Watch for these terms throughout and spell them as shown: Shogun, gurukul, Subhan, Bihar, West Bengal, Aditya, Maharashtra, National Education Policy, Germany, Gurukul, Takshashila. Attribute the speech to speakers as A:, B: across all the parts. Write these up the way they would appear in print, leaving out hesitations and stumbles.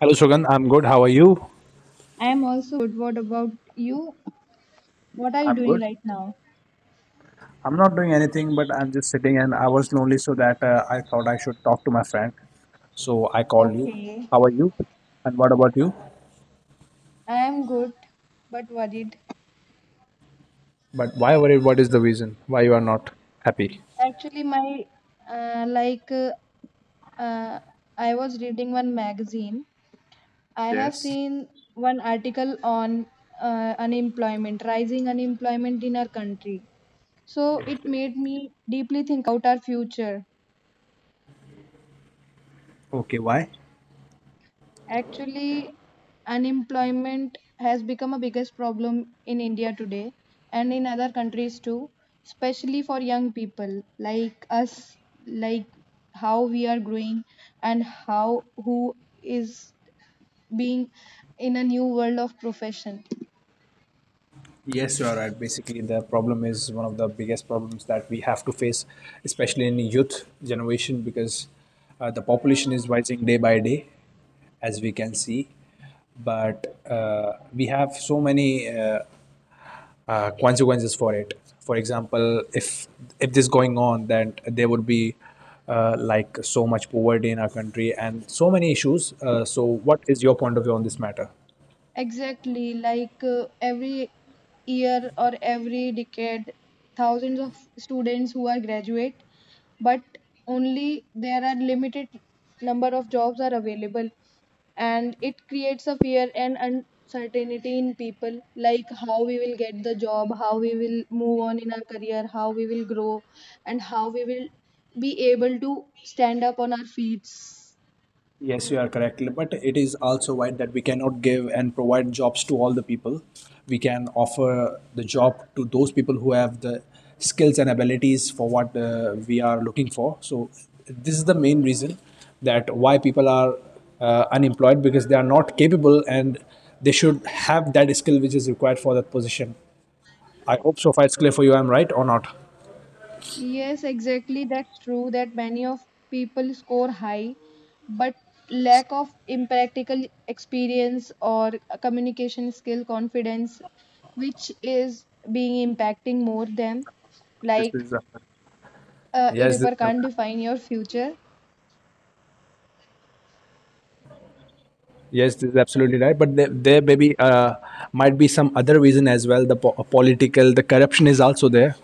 A: Hello, Shogun. I'm good. How are you?
B: I am also good. What about you? What are you
A: I'm
B: doing
A: good.
B: right now?
A: I'm not doing anything, but I'm just sitting and I was lonely, so that I thought I should talk to my friend. So I called you.
B: Okay,
A: How are you? And what about you?
B: I am good but worried.
A: But why worried? What is the reason why you are not happy?
B: Actually, my uh, like uh, uh, I was reading one magazine. I have
A: Yes.
B: seen one article on unemployment, rising unemployment in our country. So
A: Yes,
B: it
A: yes.
B: made me deeply think about our future.
A: Okay, why?
B: Actually, unemployment has become a biggest problem in India today and in other countries too, especially for young people like us, like how we are growing and how who is being in a new world of profession.
A: Yes, you are right. Basically, the problem is one of the biggest problems that we have to face, especially in youth generation, because the population is rising day by day, as we can see. But we have so many consequences for it. For example, if this going on, then there would be like so much poverty in our country and so many issues. So, what is your point of view on this matter?
B: Exactly, every year or every decade, thousands of students who are graduate, but only there are limited number of jobs are available, and it creates a fear and uncertainty in people, like how we will get the job, how we will move on in our career, how we will grow, and how we will be able to stand up on our feet.
A: Yes, you are correct. But it is also right that we cannot give and provide jobs to all the people. We can offer the job to those people who have the skills and abilities for what we are looking for. So this is the main reason that why people are unemployed, because they are not capable and they should have that skill which is required for that position. I hope so far it's clear for you. I'm right or not?
B: Yes, exactly. That's true that many of people score high, but lack of impractical experience or a communication skill, confidence, which is being impacting more them.
A: This
B: Like
A: is
B: it is
A: yes.
B: being true that piece of
A: This,
B: paper can't define your future.
A: Yes, this is absolutely right. But there maybe might be some other reason as well. The political, the corruption is also there.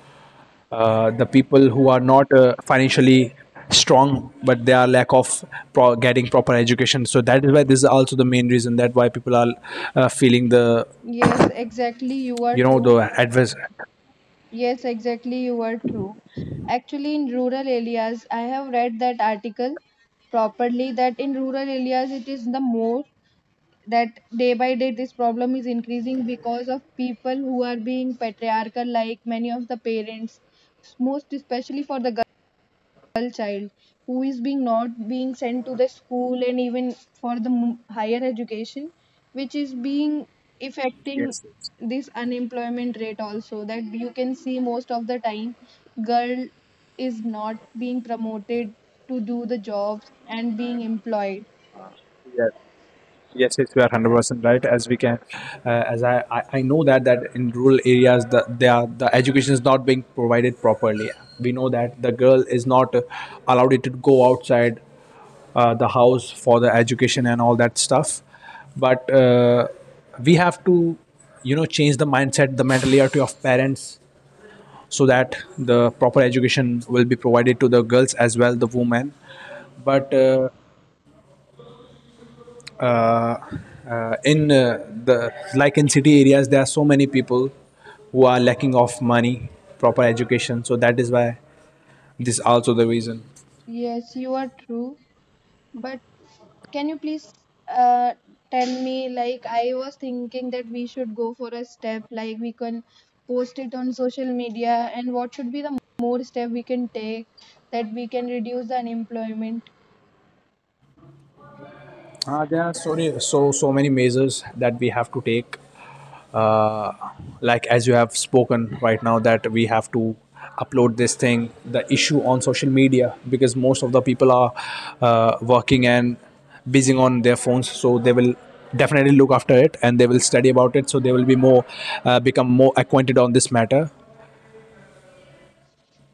A: The people who are not financially strong, but they are lack of getting proper education. So that is why this is also the main reason that why people are feeling the
B: Yes, exactly. You are
A: the
B: true.
A: adverse.
B: Yes, exactly, you are true. Actually, in rural areas, I have read that article properly that in rural areas it is the more that day by day this problem is increasing because of people who are being patriarchal, like many of the parents most especially for the girl child who is being not being sent to the school, and even for the higher education, which is being affecting
A: Yes,
B: this unemployment rate also, that you can see most of the time girl is not being promoted to do the jobs and being employed.
A: yes. Yes, yes, you are 100% right. As we can, as I know that in rural areas they are, the education is not being provided properly. We know that the girl is not allowed to go outside the house for the education and all that stuff. But we have to, you know, change the mindset, the mentality of parents, so that the proper education will be provided to the girls as well, the women. But uh, in the like in city areas there are so many people who are lacking of money proper education, so that is why this also the reason.
B: Yes, you are true. But can you please uh, tell me, like, I was thinking that we should go for a step, like, we can post it on social media, and what should be the more step we can take that we can reduce the unemployment?
A: There are so many measures that we have to take. Uh, like as you have spoken right now, that we have to upload this thing, the issue on social media, because most of the people are working and busy on their phones, so they will definitely look after it and they will study about it, so they will be more become more acquainted on this matter.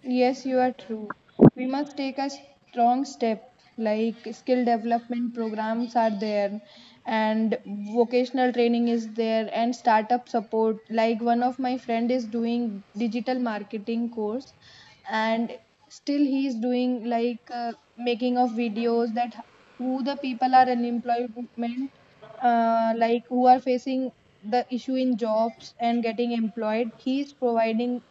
B: Yes, you are true. We must take a strong step, like skill development programs are there, and vocational training is there, and startup support. Like one of my friend is doing digital marketing course, and still he is doing making of videos that who the people are unemployment, like who are facing the issue in jobs and getting employed. He is providing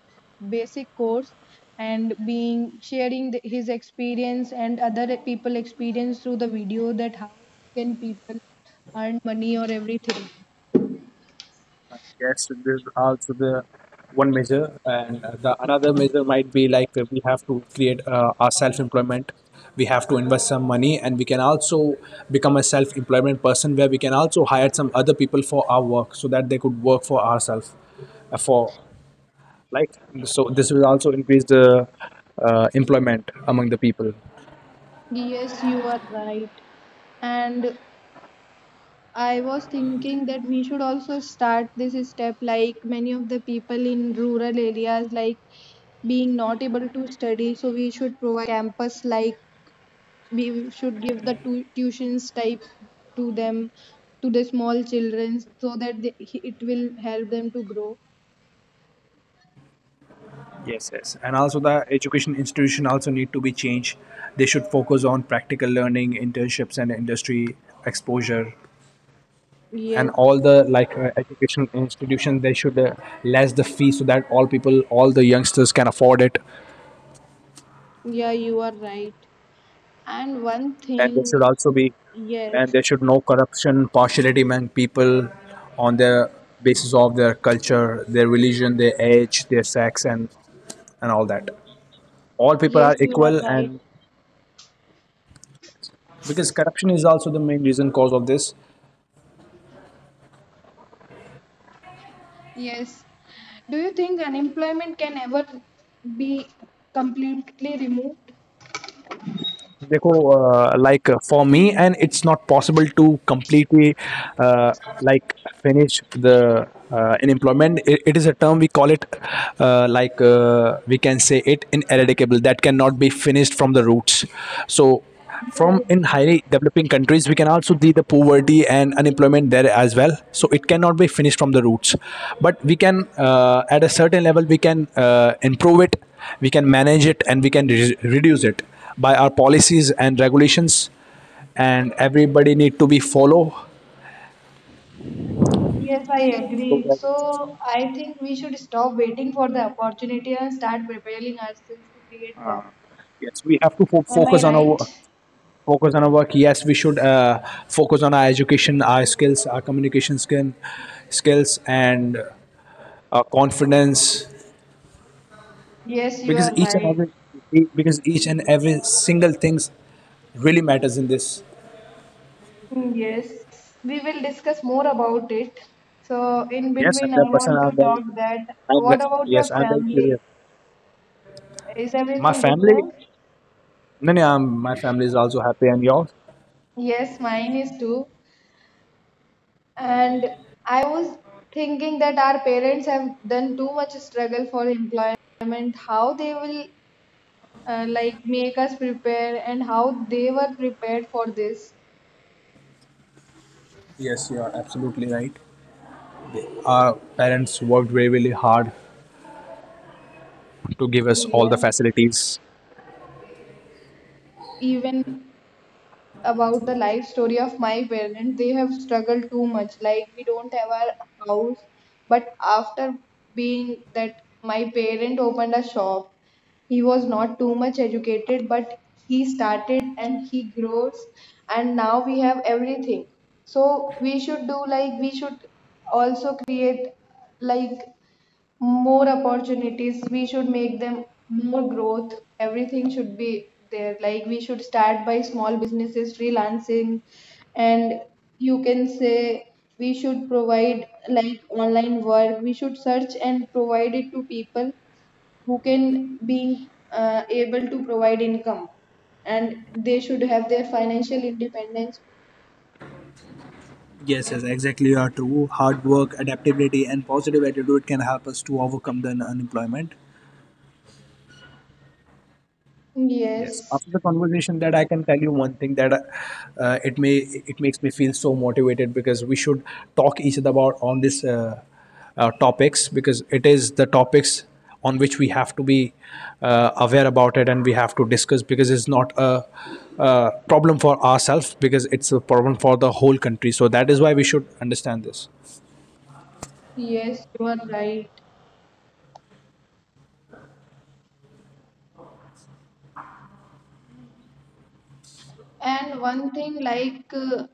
B: basic course and being sharing the, his experience and other people experience through the video, that how can people earn money or everything.
A: Yes, this is also the one measure, and the another measure might be like we have to create our self-employment. We have to invest some money, and we can also become a self-employment person where we can also hire some other people for our work so that they could work for ourselves. For like, so this will also increase the employment among the people.
B: Yes, you are right. And I was thinking that we should also start this step, like many of the people in rural areas like being not able to study, so we should provide a campus, like we should give the tuitions type to them, to the small children so that they, it will help them to grow.
A: Yes, yes. And also the education institution also need to be changed. They should focus on practical learning, internships and industry exposure, and
B: Yes,
A: all the like education institutions they should less the fee so that all people all the youngsters can afford it,
B: yeah, you are right. And one
A: and there should
B: thing,
A: also be and
B: yes,
A: there should no corruption partiality among people on the basis of their culture, their religion, their age, their sex, and all that all people
B: yes,
A: are
B: you are
A: equal,
B: right.
A: and because corruption is also the main reason cause of this.
B: Yes, do you think unemployment can ever be completely removed?
A: देखो like for me and it's not possible to completely like finish the unemployment. It is a term we call it like we can say it ineradicable that cannot be finished from the roots. So from in
B: Yes,
A: highly developing countries we can also see the poverty and unemployment there as well, so it cannot be finished from the roots, but we can at a certain level we can improve it, we can manage it and we can reduce it by our policies and regulations, and everybody need to be follow
B: yes, I
A: those
B: agree.
A: regulations.
B: So I think we should stop waiting for the opportunity and start preparing ourselves to create them.
A: Yes, we have to
B: Am I right?
A: focus on our work. Yes, we should focus on our education, our skills, our communication skills and confidence,
B: Yes, you
A: because
B: are
A: each and
B: right.
A: every e- because each and every single things really matters in this.
B: Hmm, yes, we will discuss more about it. So, in
A: Yes,
B: between, I
A: 100%.
B: want
A: I'm
B: to
A: very,
B: talk that
A: I'm
B: what
A: ve-
B: about your
A: yes, I'm very curious.
B: family? Is
A: My
B: everything good there?
A: family, no, my family is also happy, and yours.
B: Yes, mine is too. And I was thinking that our parents have done too much struggle for employment, how they will like make us prepare and how they were prepared for this.
A: Yes, you are absolutely right. Our parents worked very, really hard to give us all the
B: Yeah,
A: facilities.
B: even about the life story of my parents, they have struggled too much, like we don't have our house, but after being that my parent opened a shop. He was not too much educated, but he started and he grows, and now we have everything. So we should do, like we should also create like more opportunities, we should make them more growth, everything should be there, like we should start by small businesses, freelancing, and you can say we should provide like online work, we should search and provide it to people who can be able to provide income and they should have their financial independence.
A: Yes, yes, exactly. You are true. Hard work, adaptability, and positive attitude can help us to overcome the unemployment. Yes.
B: Yes,
A: After the conversation, that I can tell you one thing that it makes me feel so motivated, because we should talk each other about on this topics, because it is the topics on which we have to be aware about it and we have to discuss, because it's not a, problem for ourselves, because it's a problem for the whole country. So that is why we should understand this.
B: yes, you are right. And one thing,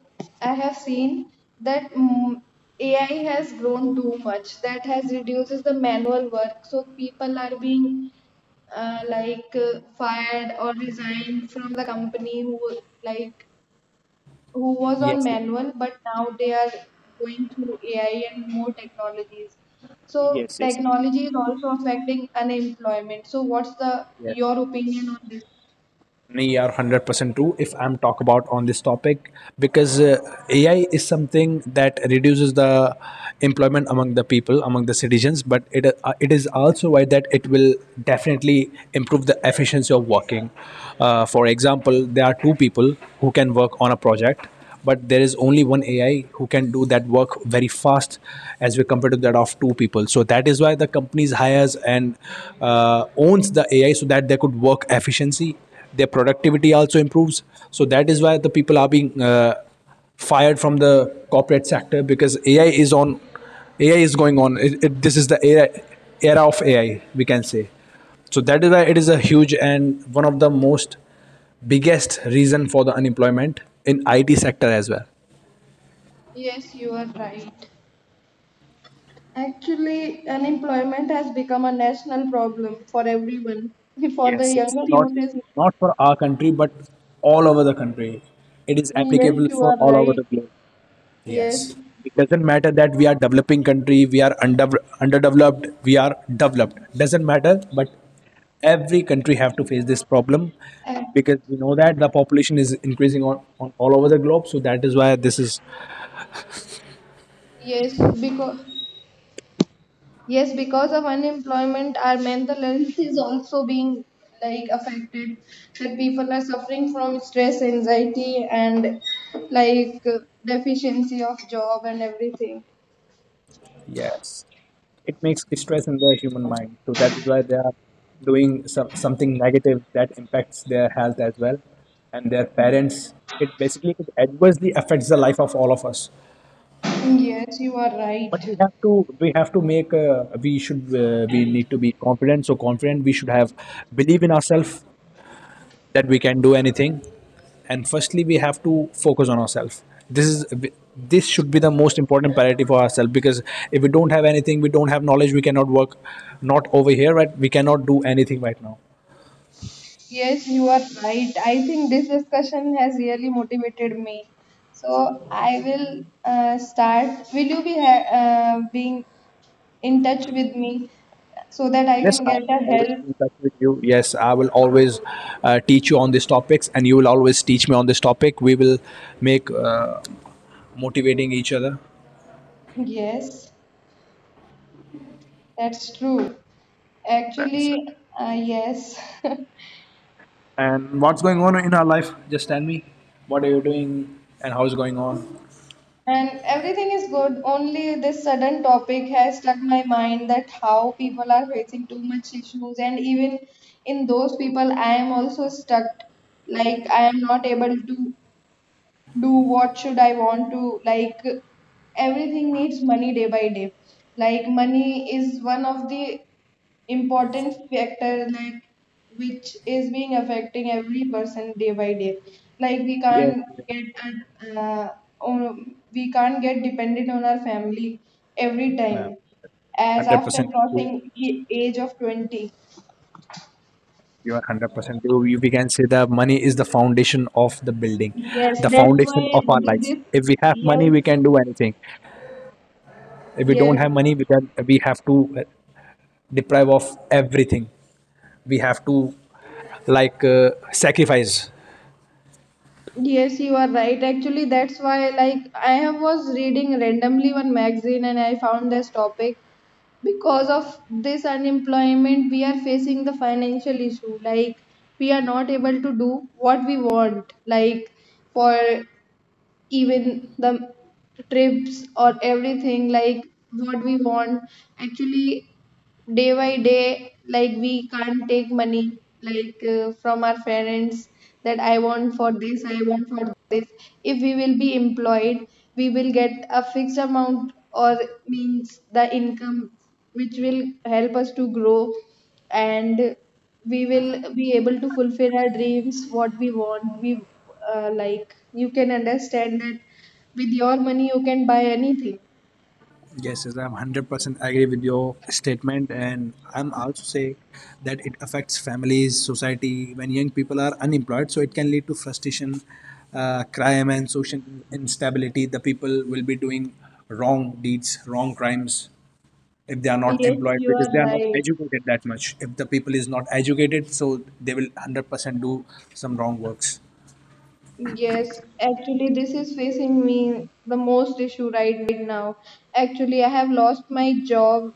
B: I have seen that AI has grown too much. That has reduces the manual work. So people are being fired or resigned from the company, who like who was on manual, but now they are going through AI and more technologies. So technology is also affecting unemployment. So what's the your opinion on this?
A: Me are 100% true if I'm talk about on this topic, because AI is something that reduces the employment among the people among the citizens, but it is also why that it will definitely improve the efficiency of working. For example, there are two people who can work on a project, but there is only one AI who can do that work very fast as we compared to that of two people. So that is why the companies hires and owns the AI so that they could work efficiency. Their productivity also improves. So that is why the people are being fired from the corporate sector because AI is on. AI is going on. This is the era of AI, we can say. So that is why it is a huge and one of the most biggest reason for the unemployment in IT sector as well.
B: Yes, you are right. Actually, unemployment has become a national problem for everyone. For the younger youth, is
A: Not for our country, but all over the country. It is
B: yes,
A: applicable
B: you
A: for
B: are
A: all over the
B: right.
A: globe.
B: Yes,
A: Yes. It doesn't matter that we are developing country, we are underdeveloped, we are developed. Doesn't matter, but every country have to face this problem,
B: and
A: because we know that the population is increasing on all over the globe. So that is why this is
B: yes, because yes, because of unemployment, our mental health is also being like affected. That people are suffering from stress, anxiety, and like deficiency of job and everything.
A: yes. It makes stress in the human mind. So that is why they are doing something negative that impacts their health as well and their parents. It basically it adversely affects the life of all of us,
B: Yes, you are
A: but we
B: right.
A: have to make a, we should we need to be confident, so confident we should have believe in ourselves that we can do anything, and firstly we have to focus on ourselves. This is this should be the most important priority for ourselves, because if we don't have anything we don't have knowledge we cannot work not over here right we cannot do anything right now.
B: Yes, you are right. I think this discussion has really motivated me. So I will start. Will you be being in touch with me so that I
A: Yes,
B: can
A: I
B: get
A: will
B: a
A: always
B: help?
A: be in touch with you. Yes, I will always teach you on these topics, and you will always teach me on this topic. We will make motivating each other.
B: Yes, that's true.
A: That's it.
B: Actually, yes.
A: And what's going on in our life? Just tell me what are you doing and how's going on.
B: And everything is good, only this sudden topic has stuck my mind that how people are facing too much issues, and even in those people, I am also stuck. Like, I am not able to do what should I want to, like everything needs money day by day, like money is one of the important factor, like which is being affecting every person day by day, like uh, we can't get dependent on our family every
A: No,
B: time as
A: hundred
B: after
A: percent.
B: crossing the age of 20.
A: You are 100%. We can say that money is the foundation of the building,
B: Yes,
A: the
B: that's why
A: foundation of our lives.
B: this,
A: If we have
B: yes,
A: money, we can do anything. If we don't
B: yes,
A: have money, we have to deprive of everything. We have to like sacrifice.
B: yes, you are right. Actually, that's why like I have was reading randomly one magazine and I found this topic, because of this unemployment we are facing the financial issue, like we are not able to do what we want, like for even the trips or everything, like what we want actually day by day, like we can't take money like from our parents that I want for this, I want for this. If we will be employed, we will get a fixed amount or means the income which will help us to grow, and we will be able to fulfill our dreams what we want, we like you can understand that with your money you can buy anything.
A: Yes, yes, I'm 100% agree with your statement, and I'm also say that it affects families, society. When young people are unemployed, so it can lead to frustration, crime, and social instability. The people will be doing wrong deeds, wrong crimes if they are not
B: Yes,
A: employed,
B: you
A: because
B: are
A: they are not
B: right.
A: educated that much. If the people is not educated, so they will 100% do some wrong works.
B: Yes, actually, this is facing me the most issue right now. Actually, I have lost my job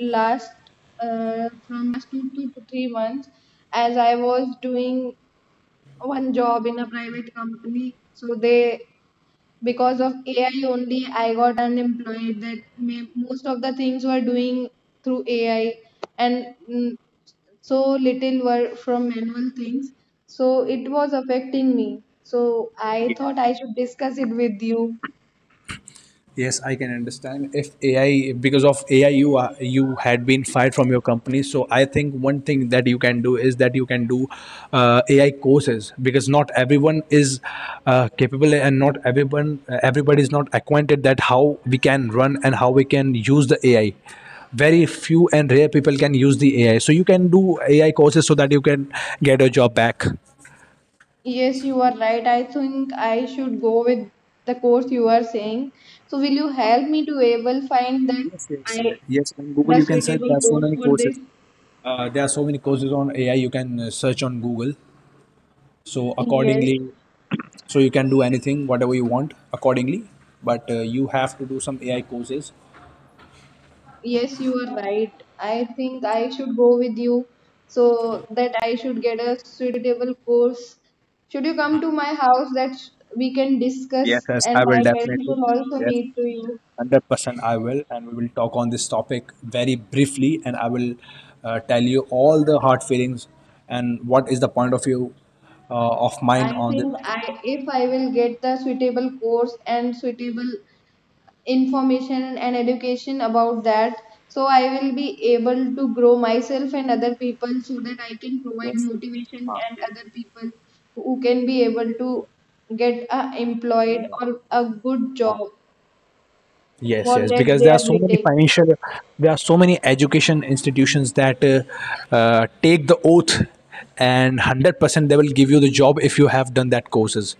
B: last from last two to 3 months, as I was doing one job in a private company. So they because of AI only, I got unemployed. That may, most of the things were doing through AI, and so little were from manual things. So it was affecting me. So I thought I should discuss it with you.
A: Yes, I can understand. If AI, because of AI, you had been fired from your company. So I think one thing that you can do is that you can do AI courses, because not everyone is capable and not everyone everybody is not acquainted that how we can run and how we can use the AI. Very few and rare people can use the AI. So you can do AI courses so that you can get your job back.
B: Yes, you are right. I think I should go with the course you are saying. So will you help me to able find that I
A: Yes, on Google
B: the
A: you can search. There
B: suitable
A: are so
B: course
A: many
B: for
A: courses.
B: this?
A: There are so many courses on AI. You can search on Google so
B: Yes.
A: accordingly, so you can do anything whatever you want accordingly, but you have to do some AI courses,
B: Yes, you are right. I think I should go with you so that I should get a suitable course. Should you come to my house that we can discuss and my parents will also meet to you?
A: and I will and we will talk on this topic very briefly, and I will tell you all the hard feelings and what is the point of view of mine
B: I
A: on this.
B: think I if I will get the suitable course and suitable information and education about that, so I will be able to grow myself and other people, so that I can provide motivation to me and other people who can be able to get a employed or a good job
A: Yes,
B: for
A: yes,
B: that
A: because
B: they
A: there are
B: are
A: so many
B: waiting.
A: financial there are so many education institutions that take the oath and 100% they will give you the job if you have done that courses.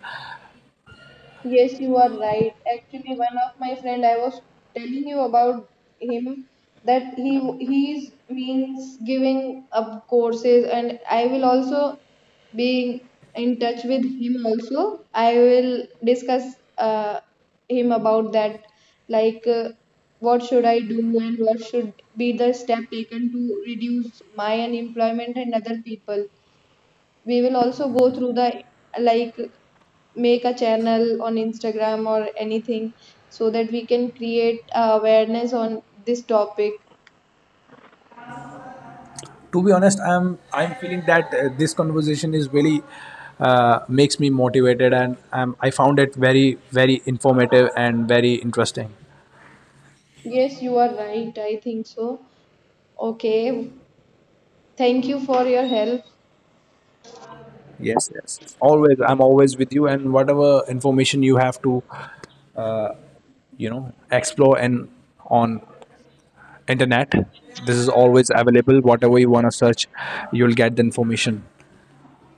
B: Yes, you are right. Actually, one of my friend I was telling you about him, that he's means giving up courses, and I will also be in touch with him also. I will discuss him about that like what should I do and what should be the step taken to reduce my unemployment and other people. We will also go through the like make a channel on Instagram or anything so that we can create awareness on this topic.
A: To be honest, I'm feeling that this conversation is really makes me motivated, and I found it very very informative and very interesting.
B: Yes, you are right. I think so. Okay. Thank you for your help.
A: Yes, yes, yes. Always I'm always with you, and whatever information you have to you know explore and on internet this is always available. Whatever you want to search you'll get the information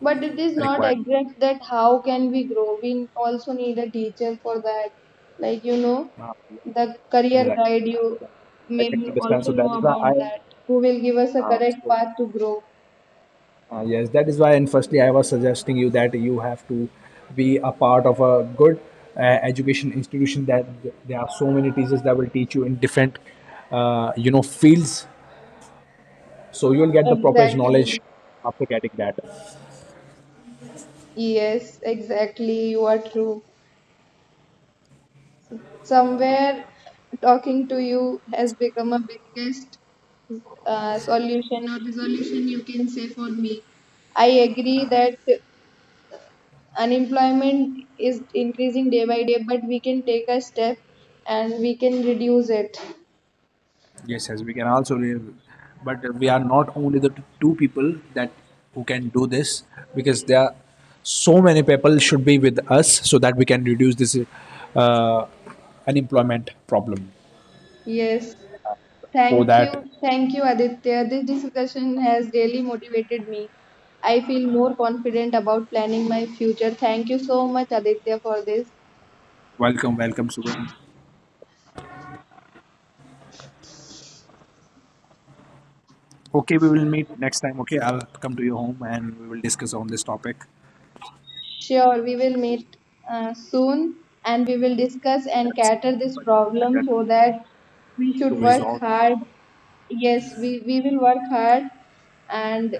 B: But it is not
A: required.
B: exact that how can we grow. We also need a teacher for that. Like, you know,
A: Uh,
B: the career guide, you
A: I
B: may
A: can understand,
B: also
A: so
B: know
A: that is why
B: about
A: I
B: that, who will give us a correct path to grow.
A: Yes, that is why. And firstly, I was suggesting you that you have to be a part of a good education institution. That there are so many teachers that will teach you in different, you know, fields. So you'll get the proper knowledge
B: Exactly.
A: after getting that.
B: Yes, exactly. You are true. Somewhere talking to you has become a biggest solution or resolution you can say for me. I agree that unemployment is increasing day by day, but we can take a step and we can reduce it.
A: Yes, yes, we can also, but we are not only the two people that who can do this, because there are so many people should be with us so that we can reduce this uh, unemployment problem.
B: Yes.
A: For
B: Thank you.
A: that,
B: Thank you, Aditya. This discussion has really motivated me. I feel more confident about planning my future. Thank you so much, Aditya, for this.
A: welcome, welcome, Subhan. Okay, we will meet next time. Okay, I'll come to your home and we will discuss on this topic
B: Sure, we will meet soon and we will discuss and cater this problem so that we
A: to
B: should work
A: resolve.
B: hard. Yes, we will work hard and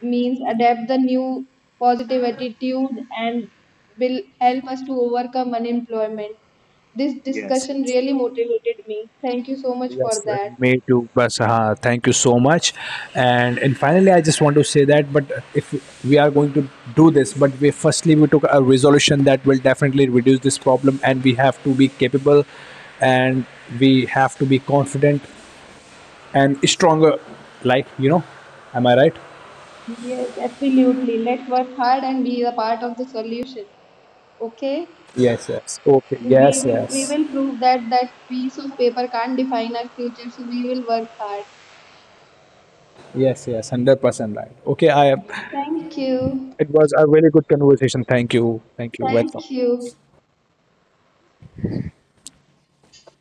B: means adapt the new positive attitude and will help us to overcome unemployment. This discussion really motivated me. Thank you so much for that.
A: Me too, but thank you so much, and finally I just want to say that but if we are going to do this, but we took a resolution that will definitely reduce this problem, and we have to be capable and we have to be confident and stronger, like you know, am I right?
B: Yes, absolutely. Let's work hard and be a part of the solution. Okay?
A: Yes, yes, okay, yes,
B: We
A: yes,
B: will prove that that piece of paper can't define our future, so we will work hard.
A: yes, yes, 100% right. Okay, I am.
B: Thank you.
A: It was a really good conversation. Thank you. Thank you. Welcome.
B: Thank you.